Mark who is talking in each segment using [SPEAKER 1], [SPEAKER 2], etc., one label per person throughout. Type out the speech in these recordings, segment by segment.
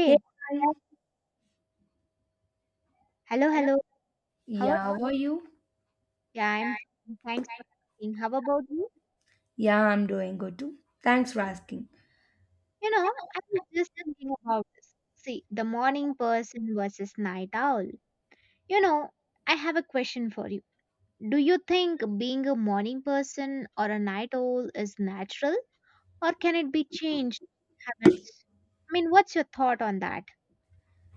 [SPEAKER 1] Hey, hi.
[SPEAKER 2] uh, hello, hello. How are you?
[SPEAKER 1] Yeah, how are you?
[SPEAKER 2] Yeah, I'm fine. Thanks for asking. How about you?
[SPEAKER 1] Yeah, I'm doing good too. Thanks for asking.
[SPEAKER 2] You know, I was just thinking about this. See, the morning person versus night owl. You know, I have a question for you. Do you think being a morning person or a night owl is natural, or can it be changed habits? I mean, what's your thought on that?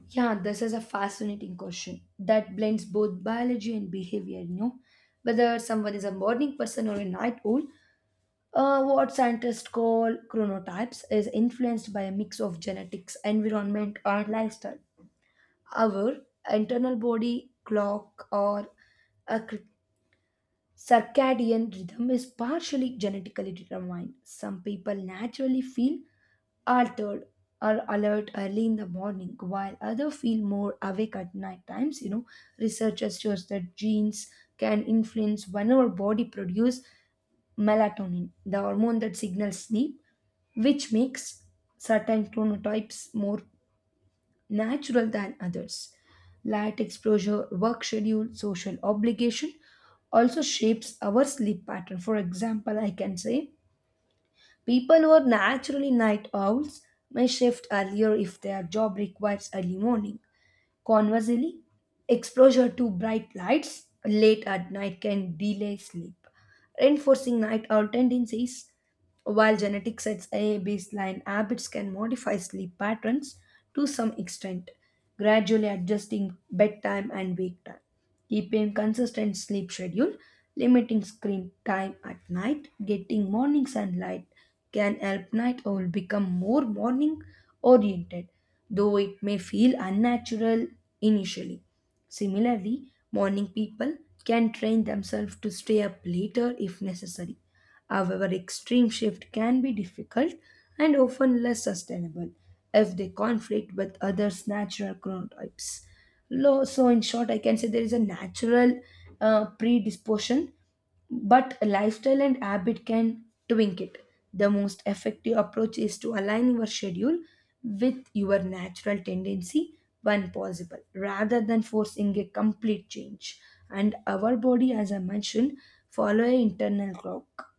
[SPEAKER 1] Yeah, this is a fascinating question that blends both biology and behavior, you know. Whether someone is a morning person or a night owl, what scientists call chronotypes is influenced by a mix of genetics, environment, and lifestyle. Our internal body clock or a circadian rhythm is partially genetically determined. Some people naturally feel altered or alert early in the morning, while others feel more awake at night times. You know, researchers shows that genes can influence when our body produce melatonin, the hormone that signals sleep, which makes certain chronotypes more natural than others. Light exposure, work schedule, social obligation also shapes our sleep pattern. For example, I can say people who are naturally night owls may shift earlier if their job requires early morning. Conversely, exposure to bright lights late at night can delay sleep, reinforcing night owl tendencies. While genetics sets a baseline, habits can modify sleep patterns to some extent, gradually adjusting bedtime and wake time. Keeping consistent sleep schedule, limiting screen time at night, getting morning sunlight can help night owl become more morning oriented, though it may feel unnatural initially. Similarly, morning people can train themselves to stay up later if necessary. However, extreme shift can be difficult and often less sustainable if they conflict with others' natural chronotypes. So, in short, I can say there is a natural predisposition, but a lifestyle and habit can tweak it. The most effective approach is to align your schedule with your natural tendency when possible, rather than forcing a complete change. And our body, as I mentioned, follow an internal clock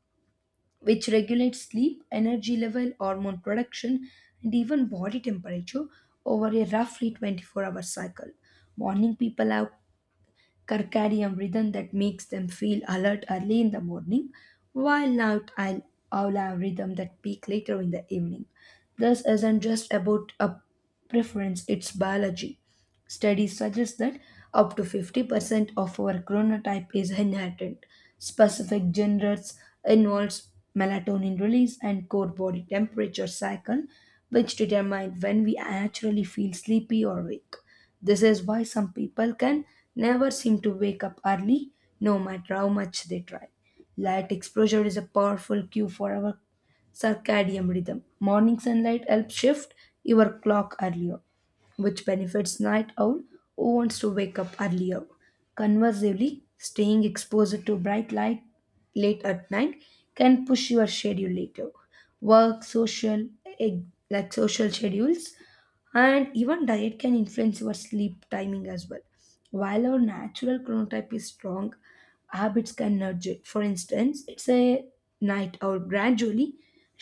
[SPEAKER 1] which regulates sleep, energy level, hormone production, and even body temperature over a roughly 24-hour cycle. Morning people have circadian rhythm that makes them feel alert early in the morning, while night owl have rhythm that peak later in the evening. This isn't just about a preference, it's biology. Studies suggest that up to 50% of our chronotype is inherited. Specific genres involves melatonin release and core body temperature cycle, which determine when we naturally feel sleepy or awake. This is why some people can never seem to wake up early, no matter how much they try. Light exposure is a powerful cue for our circadian rhythm. Morning sunlight helps shift your clock earlier, which benefits night owl who wants to wake up earlier. Conversely, staying exposed to bright light late at night can push your schedule later. Work, social, eh, like social schedules and even diet can influence your sleep timing as well. While our natural chronotype is strong, habits can nudge it. For instance, it's a night owl gradually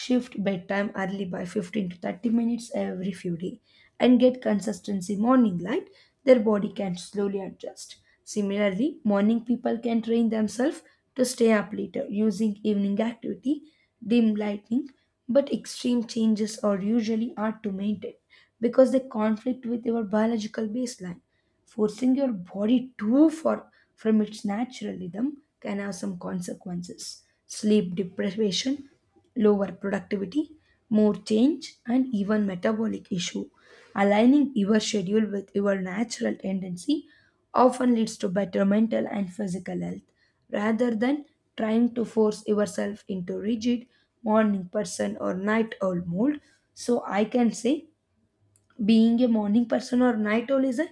[SPEAKER 1] shift bedtime early by 15 to 30 minutes every few days and get consistency morning light, their body can slowly adjust. Similarly, morning people can train themselves to stay up later using evening activity, dim lighting, but extreme changes are usually hard to maintain because they conflict with your biological baseline. Forcing your body too far from its natural rhythm can have some consequences: sleep deprivation, lower productivity, more change, and even metabolic issue. Aligning your schedule with your natural tendency often leads to better mental and physical health rather than trying to force yourself into rigid morning person or night owl mold. So I can say being a morning person or night owl is a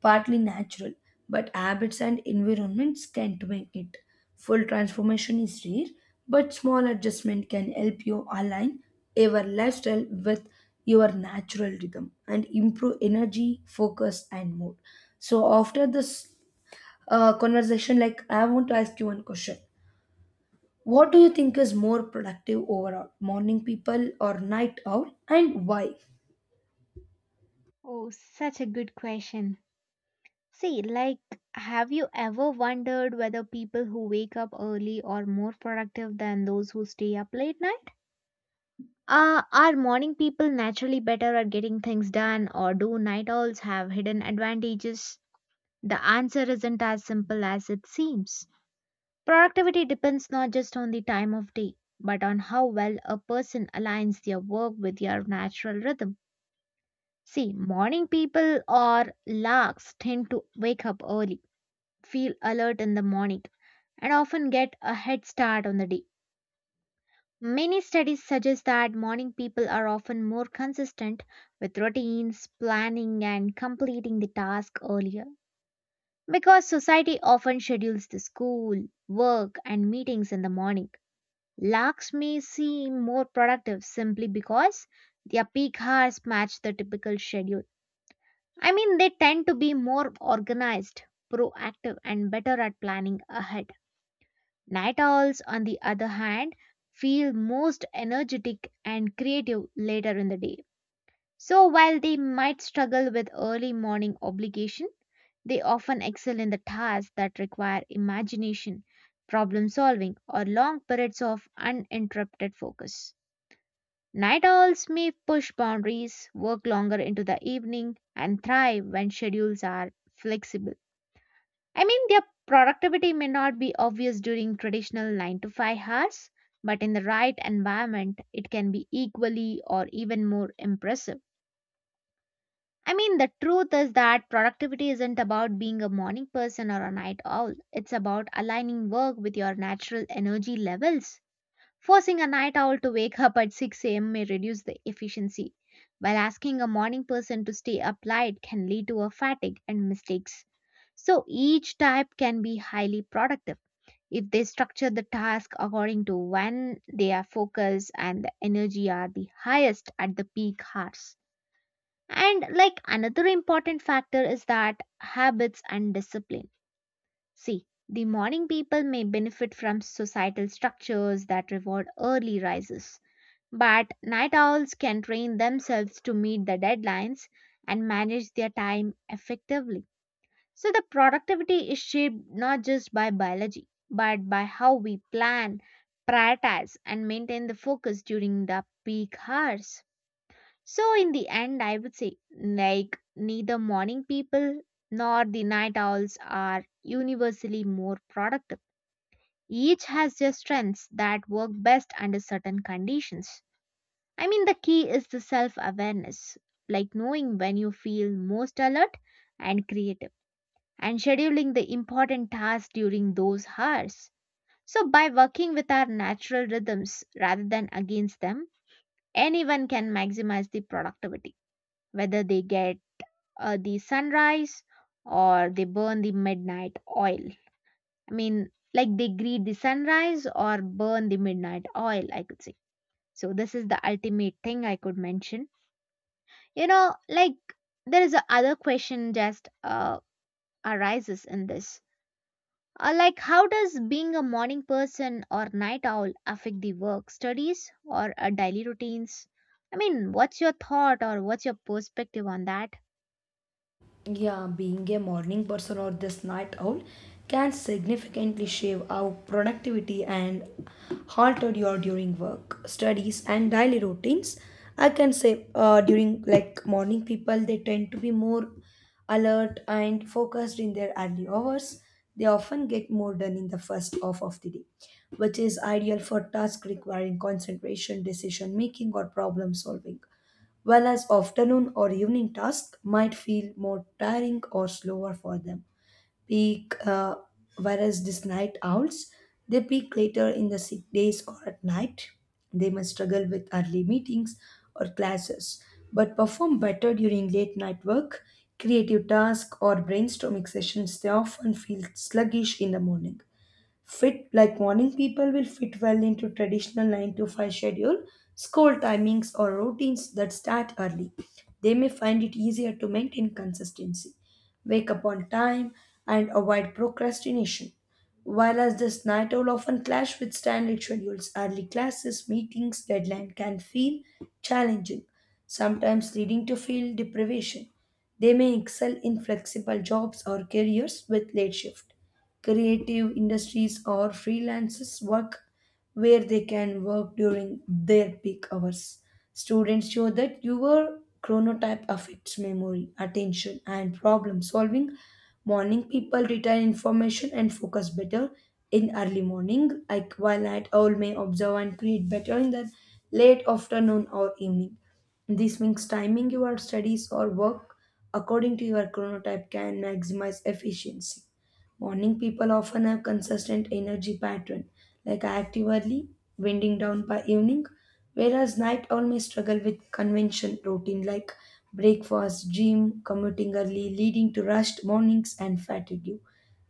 [SPEAKER 1] partly natural, but habits and environments can't make it. Full transformation is rare, but small adjustment can help you align your lifestyle with your natural rhythm and improve energy, focus, and mood. So after this conversation, like I want to ask you one question. What do you think is more productive overall, morning people or night owl, and why?
[SPEAKER 2] Oh, such a good question. See, like, have you ever wondered whether people who wake up early are more productive than those who stay up late night? Are morning people naturally better at getting things done, or do night owls have hidden advantages? The answer isn't as simple as it seems. Productivity depends not just on the time of day, but on how well a person aligns their work with their natural rhythm. See, morning people or larks tend to wake up early, feel alert in the morning, and often get a head start on the day. Many studies suggest that morning people are often more consistent with routines, planning, and completing the task earlier. Because society often schedules the school, work, and meetings in the morning, larks may seem more productive simply because their peak hours match the typical schedule. I mean, they tend to be more organized, proactive, and better at planning ahead. Night owls, on the other hand, feel most energetic and creative later in the day. So, while they might struggle with early morning obligation, they often excel in the tasks that require imagination, problem solving, or long periods of uninterrupted focus. Night owls may push boundaries, work longer into the evening, and thrive when schedules are flexible. I mean, their productivity may not be obvious during traditional 9 to 5 hours, but in the right environment, it can be equally or even more impressive. I mean, the truth is that productivity isn't about being a morning person or a night owl. It's about aligning work with your natural energy levels. Forcing a night owl to wake up at 6 a.m. may reduce the efficiency, while asking a morning person to stay up late can lead to a fatigue and mistakes. So each type can be highly productive if they structure the task according to when their focus and the energy are the highest at the peak hours. And like another important factor is that habits and discipline. See, the morning people may benefit from societal structures that reward early rises, but night owls can train themselves to meet the deadlines and manage their time effectively. So the productivity is shaped not just by biology, but by how we plan, prioritize, and maintain the focus during the peak hours. So in the end, I would say like neither morning people nor the night owls are universally more productive. Each has their strengths that work best under certain conditions. I mean, the key is the self awareness, like knowing when you feel most alert and creative, and scheduling the important tasks during those hours. So, by working with our natural rhythms rather than against them, anyone can maximize the productivity, whether they get the sunrise or they burn the midnight oil. I mean, like they greet the sunrise or burn the midnight oil, I could say. So, this is the ultimate thing I could mention. You know, like there is a other question just arises in this. Like how does being a morning person or night owl affect the work, studies or daily routines? I mean, what's your thought or what's your perspective on that?
[SPEAKER 1] Yeah, being a morning person or this night owl can significantly shape our productivity and halter your during work, studies, and daily routines. I can say during like morning people they tend to be more alert and focused in their early hours. They often get more done in the first half of the day, which is ideal for tasks requiring concentration, decision making, or problem solving whereas afternoon or evening tasks might feel more tiring or slower for them. Peak, uh, Whereas these night owls, they peak later in the sick days or at night. They may struggle with early meetings or classes, but perform better during late night work, creative tasks, or brainstorming sessions. They often feel sluggish in the morning. Fit like morning people will fit well into traditional 9 to 5 schedule, school timings or routines that start early. They may find it easier to maintain consistency, wake up on time, and avoid procrastination, while as this night owl often clash with standard schedules, early classes, meetings, deadline can feel challenging, sometimes leading to feel deprivation. They may excel in flexible jobs or careers with late shift. Creative industries or freelancers work, where they can work during their peak hours. Students show that your chronotype affects memory, attention, and problem solving. Morning people retain information and focus better in early morning, like while at all may observe and create better in the late afternoon or evening. This means timing your studies or work according to your chronotype can maximize efficiency. Morning people often have consistent energy pattern, like active early, winding down by evening, whereas night owl may struggle with convention routine like breakfast, gym, commuting early, leading to rushed mornings and fatigue.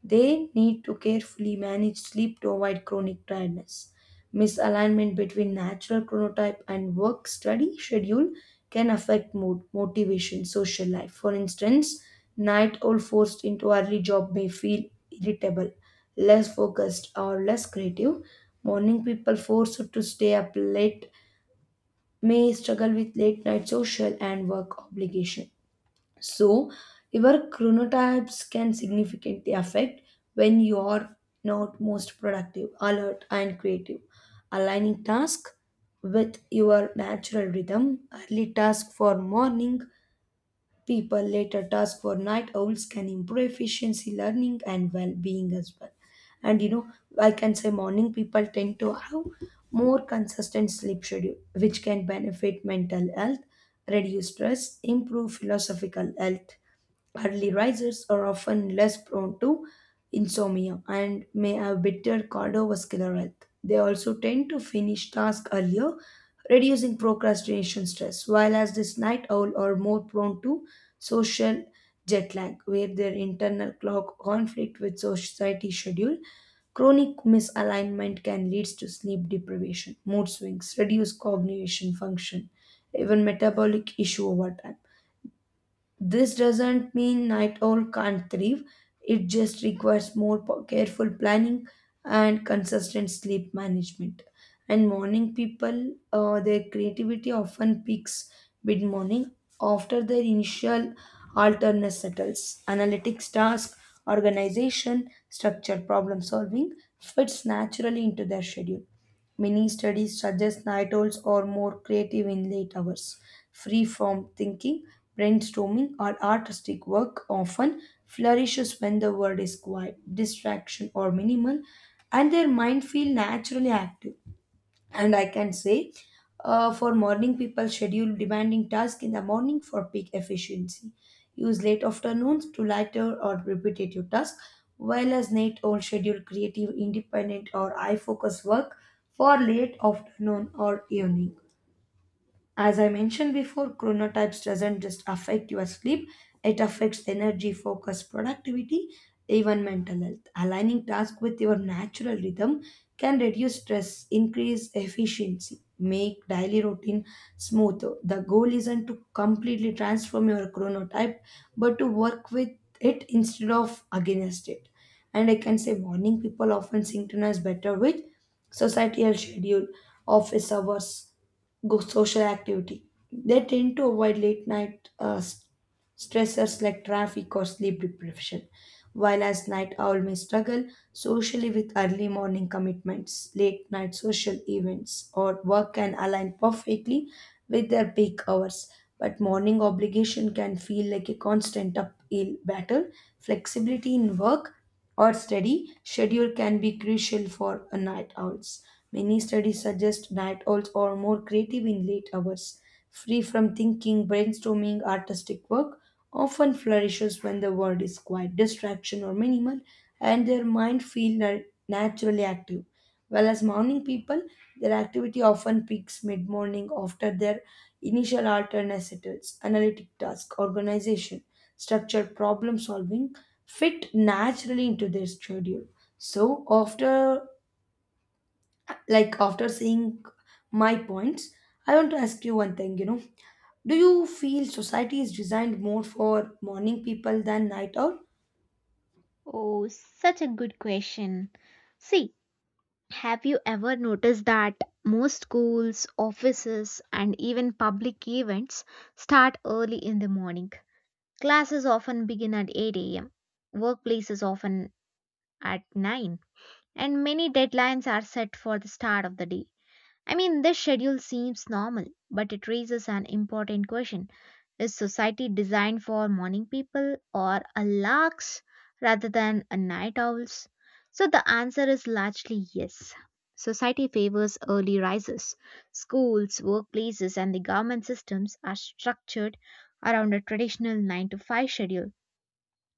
[SPEAKER 1] They need to carefully manage sleep to avoid chronic tiredness. Misalignment between natural chronotype and work study schedule can affect mood, motivation, social life. For instance, night owl forced into early job may feel irritable, less focused, or less creative. Morning people forced to stay up late may struggle with late night social and work obligation. So, your chronotypes can significantly affect when you are not most productive, alert, and creative. Aligning task with your natural rhythm, early task for morning people, later task for night owls can improve efficiency, learning, and well being as well. And you know, I can say morning people tend to have more consistent sleep schedule, which can benefit mental health, reduce stress, improve philosophical health. Early risers are often less prone to insomnia and may have better cardiovascular health. They also tend to finish tasks earlier, reducing procrastination stress, while as this night owl are more prone to social jet lag, where their internal clock conflict with society schedule. Chronic misalignment can lead to sleep deprivation, mood swings, reduced cognition function, even metabolic issue over time. This doesn't mean night owl can't thrive, it just requires more careful planning and consistent sleep management. And morning people, their creativity often peaks mid morning after their initial alternate settles. Analytics task, organization, structure, problem solving fits naturally into their schedule. Many studies suggest night owls are more creative in late hours. Free form thinking, brainstorming or artistic work often flourishes when the world is quiet, distraction or minimal, and their mind feel naturally active. And I can say, for morning people, schedule demanding tasks in the morning for peak efficiency, use late afternoons to lighter or repetitive tasks, while as night all schedule creative independent or eye focus work for late afternoon or evening. As I mentioned before, chronotypes doesn't just affect your sleep, it affects energy, focus, productivity, even mental health. Aligning tasks with your natural rhythm can reduce stress, increase efficiency, make daily routine smoother. The goal isn't to completely transform your chronotype, but to work with it instead of against it. And I can say morning people often synchronize better with societal schedule, office hours, go social activity. They tend to avoid late night stressors like traffic or sleep deprivation. While as night owl may struggle socially with early morning commitments, late night social events, or work can align perfectly with their peak hours. But morning obligation can feel like a constant uphill battle. Flexibility in work or study schedule can be crucial for a night owls. Many studies suggest night owls are more creative in late hours, free from thinking, brainstorming, artistic work often flourishes when the world is quiet, distraction or minimal, and their mind feel naturally active. Whereas morning people, their activity often peaks mid-morning after their initial alertness settles, analytic task, organization, structure, problem solving fit naturally into their schedule. So after seeing my points, I want to ask you one thing, you know, do you feel society is designed more for morning people than night owl?
[SPEAKER 2] Oh, such a good question. See, have you ever noticed that most schools, offices, and even public events start early in the morning? Classes often begin at 8 a.m. Workplaces often at 9, and many deadlines are set for the start of the day. I mean, this schedule seems normal, but it raises an important question. Is society designed for morning people or a larks rather than a night owls? So the answer is largely yes. Society favors early risers. Schools, workplaces, and the government systems are structured around a traditional 9 to 5 schedule,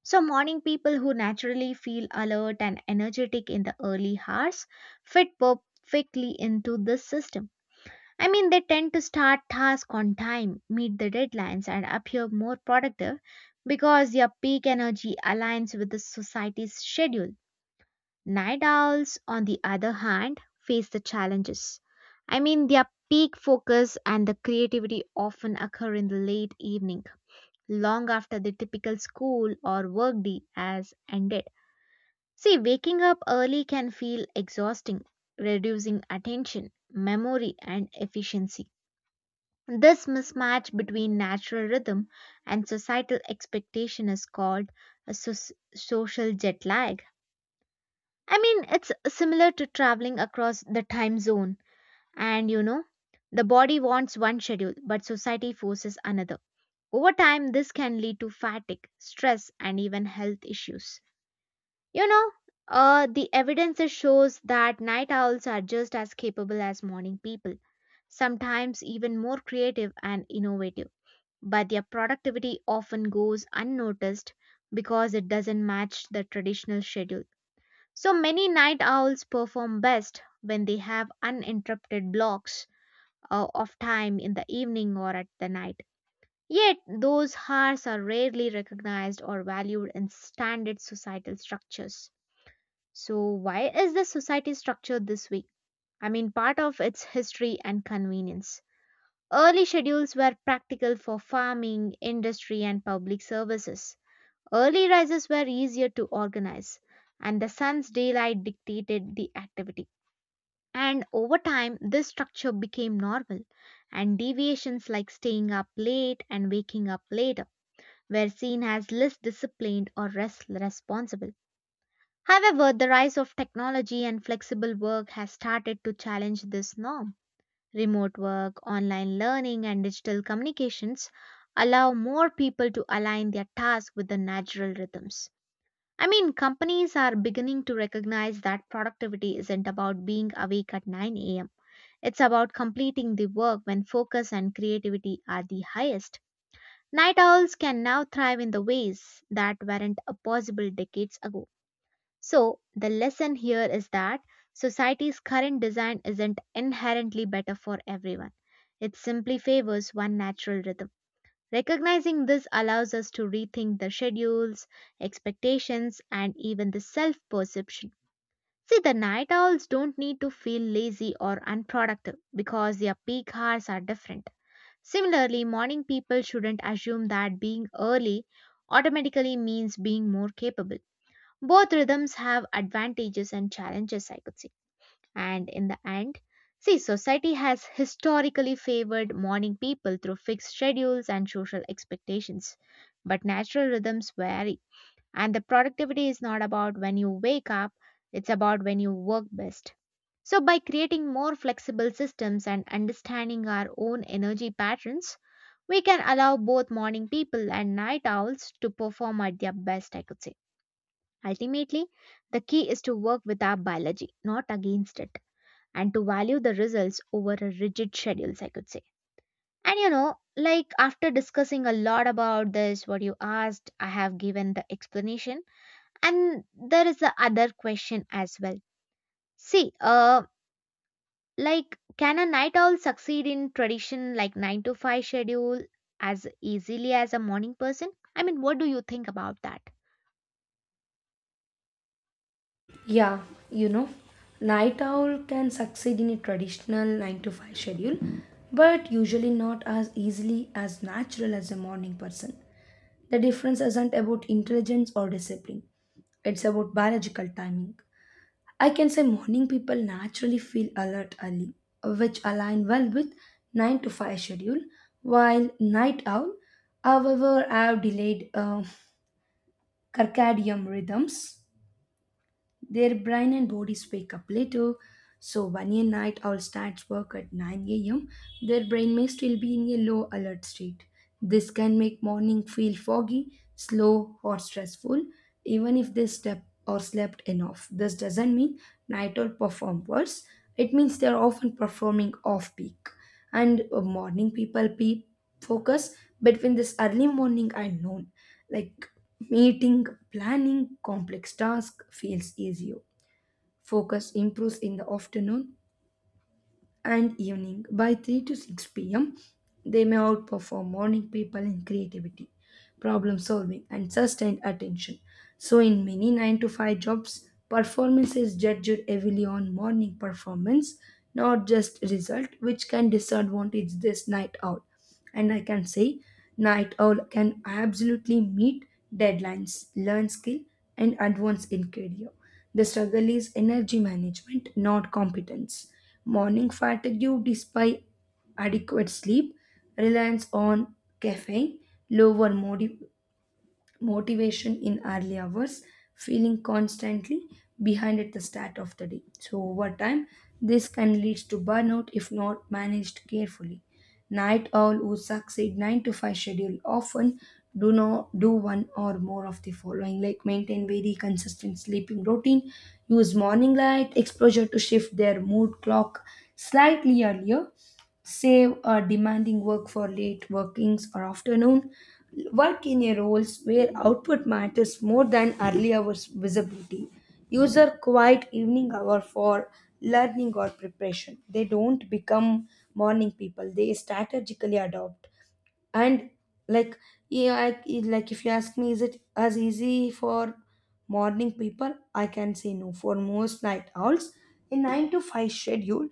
[SPEAKER 2] so morning people who naturally feel alert and energetic in the early hours fit perfectly into this system. I mean, they tend to start tasks on time, meet the deadlines, and appear more productive because their peak energy aligns with the society's schedule. Night owls, on the other hand, face the challenges. I mean, their peak focus and the creativity often occur in the late evening long after the typical school or workday has ended. See, waking up early can feel exhausting, reducing attention, memory, and efficiency. This mismatch between natural rhythm and societal expectation is called a social jet lag. I mean, it's similar to traveling across the time zone, and you know, the body wants one schedule, but society forces another. Over time, this can lead to fatigue, stress, and even health issues. You know, the evidence shows that night owls are just as capable as morning people, sometimes even more creative and innovative. But their productivity often goes unnoticed because it doesn't match the traditional schedule. So many night owls perform best when they have uninterrupted blocks of time in the evening or at the night. Yet, those hours are rarely recognized or valued in standard societal structures. So, why is the society structured this way? I mean, part of its history and convenience. Early schedules were practical for farming, industry, and public services. Early rises were easier to organize, and the sun's daylight dictated the activity. And over time, this structure became normal, and deviations like staying up late and waking up later were seen as less disciplined or less responsible. However, the rise of technology and flexible work has started to challenge this norm. Remote work, online learning, and digital communications allow more people to align their tasks with the natural rhythms. I mean, companies are beginning to recognize that productivity isn't about being awake at 9 a.m., it's about completing the work when focus and creativity are the highest. Night owls can now thrive in the ways that weren't possible decades ago. So, the lesson here is that society's current design isn't inherently better for everyone. It simply favors one natural rhythm. Recognizing this allows us to rethink the schedules, expectations, and even the self perception. See, the night owls don't need to feel lazy or unproductive because their peak hours are different. Similarly, morning people shouldn't assume that being early automatically means being more capable. Both rhythms have advantages and challenges, I could say. And in the end, see, society has historically favored morning people through fixed schedules and social expectations. But natural rhythms vary, and the productivity is not about when you wake up, it's about when you work best. So, by creating more flexible systems and understanding our own energy patterns, we can allow both morning people and night owls to perform at their best, I could say. Ultimately, the key is to work with our biology, not against it, and to value the results over a rigid schedules, I could say. And you know, like after discussing a lot about this, what you asked, I have given the explanation. And there is the other question as well. See, like can a night owl succeed in tradition like 9 to 5 schedule as easily as a morning person? I mean, what do you think about that?
[SPEAKER 1] Yeah, you know, night owl can succeed in a traditional 9 to 5 schedule, but usually not as easily as natural as a morning person. The difference isn't about intelligence or discipline, it's about biological timing. I can say morning people naturally feel alert early, which align well with 9 to 5 schedule, while night owl, however, have delayed circadian rhythms. Their brain and bodies wake up later. So when a night owl starts work at 9 a.m., their brain may still be in a low alert state. This can make morning feel foggy, slow, or stressful, even if they step or slept enough. This doesn't mean night owl perform worse. It means they're often performing off peak. And morning people focus between this early morning and noon, like meeting, planning complex tasks feels easier. Focus improves in the afternoon and evening. By 3 to 6 p.m., they may outperform morning people in creativity, problem solving, and sustained attention. So, in many 9 to 5 jobs, performance is judged heavily on morning performance, not just result, which can disadvantage this night out. And I can say night owl can absolutely meet deadlines, learn skill, and advance in career. The struggle is energy management, not competence. Morning fatigue, despite adequate sleep, reliance on caffeine, lower motivation in early hours, feeling constantly behind at the start of the day. So over time, this can lead to burnout if not managed carefully. Night owl who succeed 9 to 5 schedule often do not do one or more of the following, like maintain very consistent sleeping routine, use morning light exposure to shift their mood clock slightly earlier, save demanding work for late workings or afternoon, work in a roles where output matters more than early hours visibility, use a quiet evening hour for learning or preparation. They don't become morning people, they strategically adopt. And, like, yeah, like if you ask me, is it as easy for morning people? I can say no. For most night owls, a 9 to 5 schedule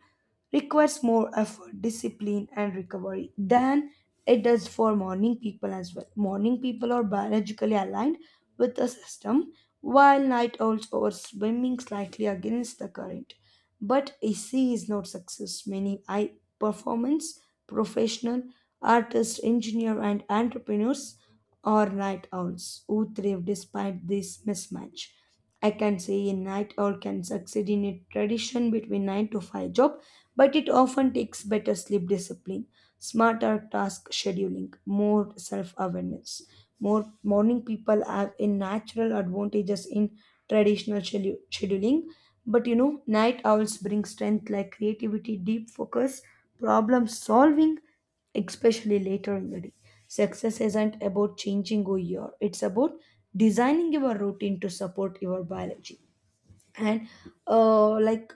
[SPEAKER 1] requires more effort, discipline, and recovery than it does for morning people. As well, morning people are biologically aligned with the system, while night owls are swimming slightly against the current. But ac is not success. Many I performance professional artists, engineers, and entrepreneurs are night owls who thrive despite this mismatch. I can say a night owl can succeed in a tradition between 9 to 5 job, but it often takes better sleep discipline, smarter task scheduling, more self awareness. More morning people have a natural advantages in traditional scheduling, but night owls bring strength like creativity, deep focus, problem solving, especially later in the day. Success isn't about changing who you are, it's about designing your routine to support your biology. And, like,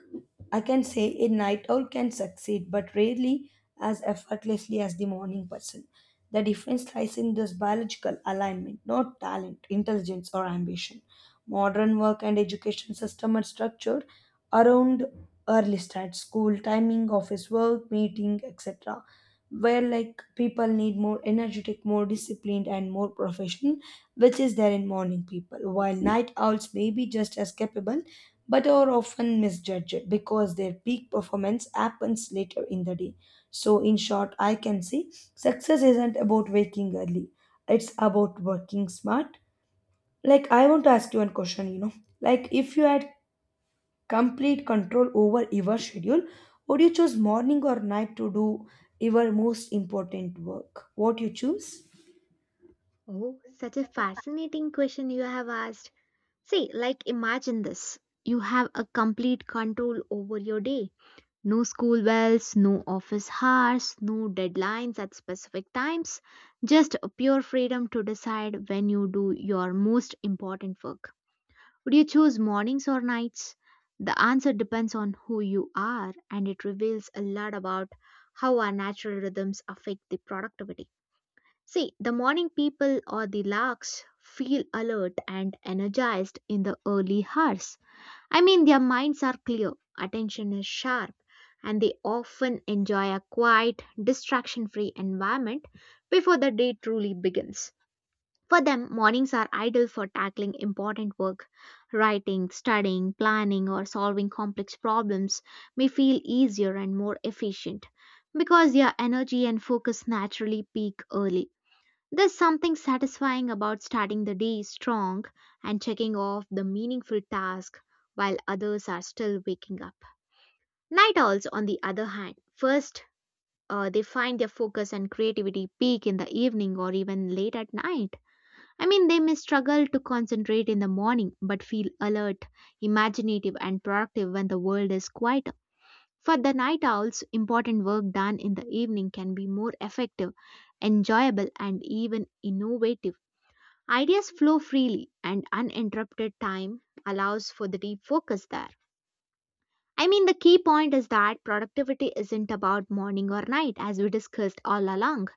[SPEAKER 1] I can say a night owl can succeed, but rarely as effortlessly as the morning person. The difference lies in this biological alignment, not talent, intelligence, or ambition. Modern work and education system are structured around early start, school timing, office work, meeting, etc., where like people need more energetic, more disciplined, and more professional, which is there in morning people, while night owls may be just as capable, but are often misjudged because their peak performance happens later in the day. So, in short, I can say success isn't about waking early, it's about working smart. Like, I want to ask you one question, like, if you had complete control over your schedule, would you choose morning or night to do your most important work? What you choose?
[SPEAKER 2] Oh, such a fascinating question you have asked. See, like imagine this. You have a complete control over your day. No school bells, no office hours, no deadlines at specific times. Just a pure freedom to decide when you do your most important work. Would you choose mornings or nights? The answer depends on who you are, and it reveals a lot about how our natural rhythms affect the productivity. See, the morning people or the larks feel alert and energized in the early hours. I mean, their minds are clear, attention is sharp, and they often enjoy a quiet, distraction free environment before the day truly begins. For them, mornings are ideal for tackling important work. Writing, studying, planning, or solving complex problems may feel easier and more efficient because their energy and focus naturally peak early. There's something satisfying about starting the day strong and checking off the meaningful task while others are still waking up. Night owls, on the other hand, first they find their focus and creativity peak in the evening or even late at night. I mean, they may struggle to concentrate in the morning but feel alert, imaginative, and productive when the world is quieter. For the night owls, important work done in the evening can be more effective, enjoyable, and even innovative. Ideas flow freely, and uninterrupted time allows for the deep focus there. I mean, the key point is that productivity isn't about morning or night, as we discussed all along.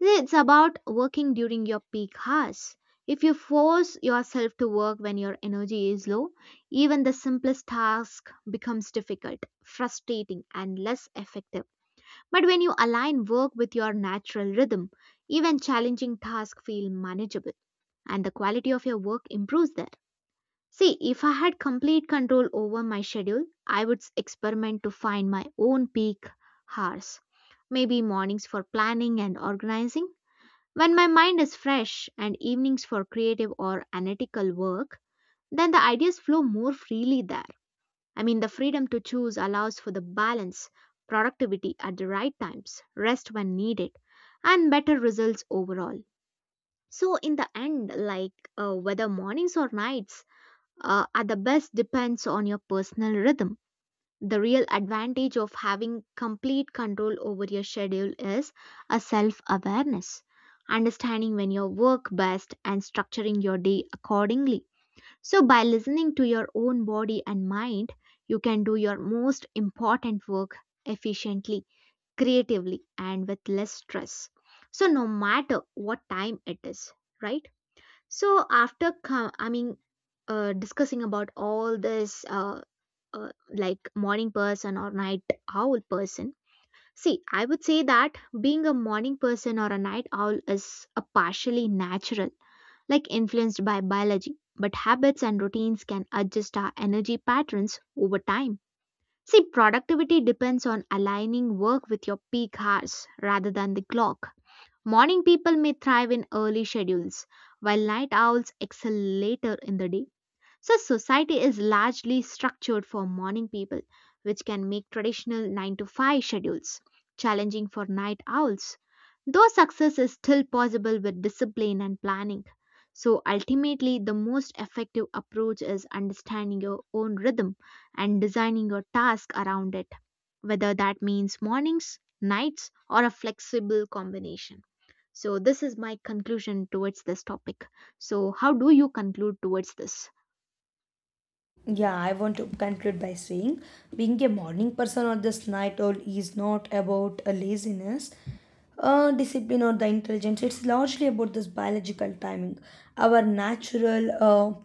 [SPEAKER 2] It's about working during your peak hours. If you force yourself to work when your energy is low, even the simplest task becomes difficult, frustrating, and less effective. But when you align work with your natural rhythm, even challenging tasks feel manageable, and the quality of your work improves there. See, if I had complete control over my schedule, I would experiment to find my own peak hours, maybe mornings for planning and organizing, when my mind is fresh, and evenings for creative or analytical work, then the ideas flow more freely there. I mean, the freedom to choose allows for the balance, productivity at the right times, rest when needed, and better results overall. So, in the end, like whether mornings or nights are the best depends on your personal rhythm. The real advantage of having complete control over your schedule is a self awareness, understanding when you work best and structuring your day accordingly. So, by listening to your own body and mind, you can do your most important work efficiently, creatively, and with less stress. So, no matter what time it is, right? So, after, discussing about all this, uh, like morning person or night owl person, see, I would say that being a morning person or a night owl is a partially natural, like influenced by biology, but habits and routines can adjust our energy patterns over time. See, productivity depends on aligning work with your peak hours rather than the clock. Morning people may thrive in early schedules, while night owls excel later in the day. So, society is largely structured for morning people, which can make traditional 9 to 5 schedules challenging for night owls. Though success is still possible with discipline and planning. So, ultimately, the most effective approach is understanding your own rhythm and designing your task around it, whether that means mornings, nights, or a flexible combination. So, this is my conclusion towards this topic. So, how do you conclude towards this?
[SPEAKER 1] Yeah, I want to conclude by saying being a morning person or this night owl is not about a laziness, discipline, or the intelligence. It's largely about this biological timing. Our natural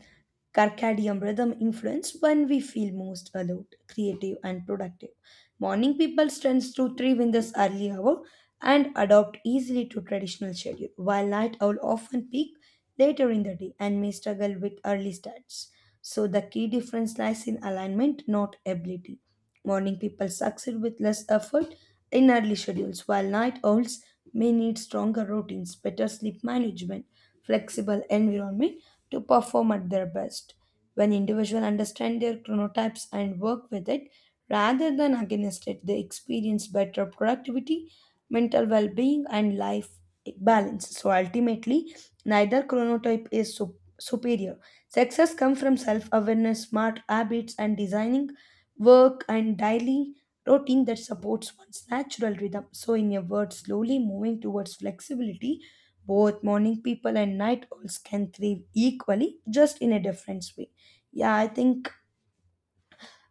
[SPEAKER 1] circadian rhythm influence when we feel most alert, creative, and productive. Morning people tends to thrive in this early hour and adopt easily to traditional schedule, while night owl often peak later in the day and may struggle with early starts. So the key difference lies in alignment, not ability. Morning people succeed with less effort in early schedules, while night owls may need stronger routines, better sleep management, flexible environment to perform at their best. When individuals understand their chronotypes and work with it rather than against it, they experience better productivity, mental well being, and life balance. So ultimately, neither chronotype is superior. Success comes from self awareness, smart habits, and designing work and daily routine that supports one's natural rhythm. So, in a word, slowly moving towards flexibility, both morning people and night owls can thrive equally, just in a different way. Yeah, I think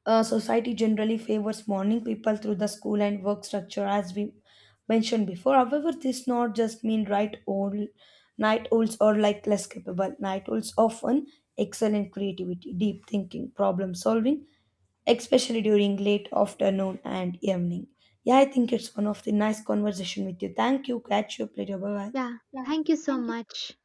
[SPEAKER 1] society generally favors morning people through the school and work structure, as we mentioned before. However, this not just mean right old night owls or like less capable. Night owls often excel in creativity, deep thinking, problem solving, especially during late afternoon and evening. Yeah, I think it's one of the nice conversation with you. Thank you. Catch you up later. Bye bye.
[SPEAKER 2] Yeah, thank you so much.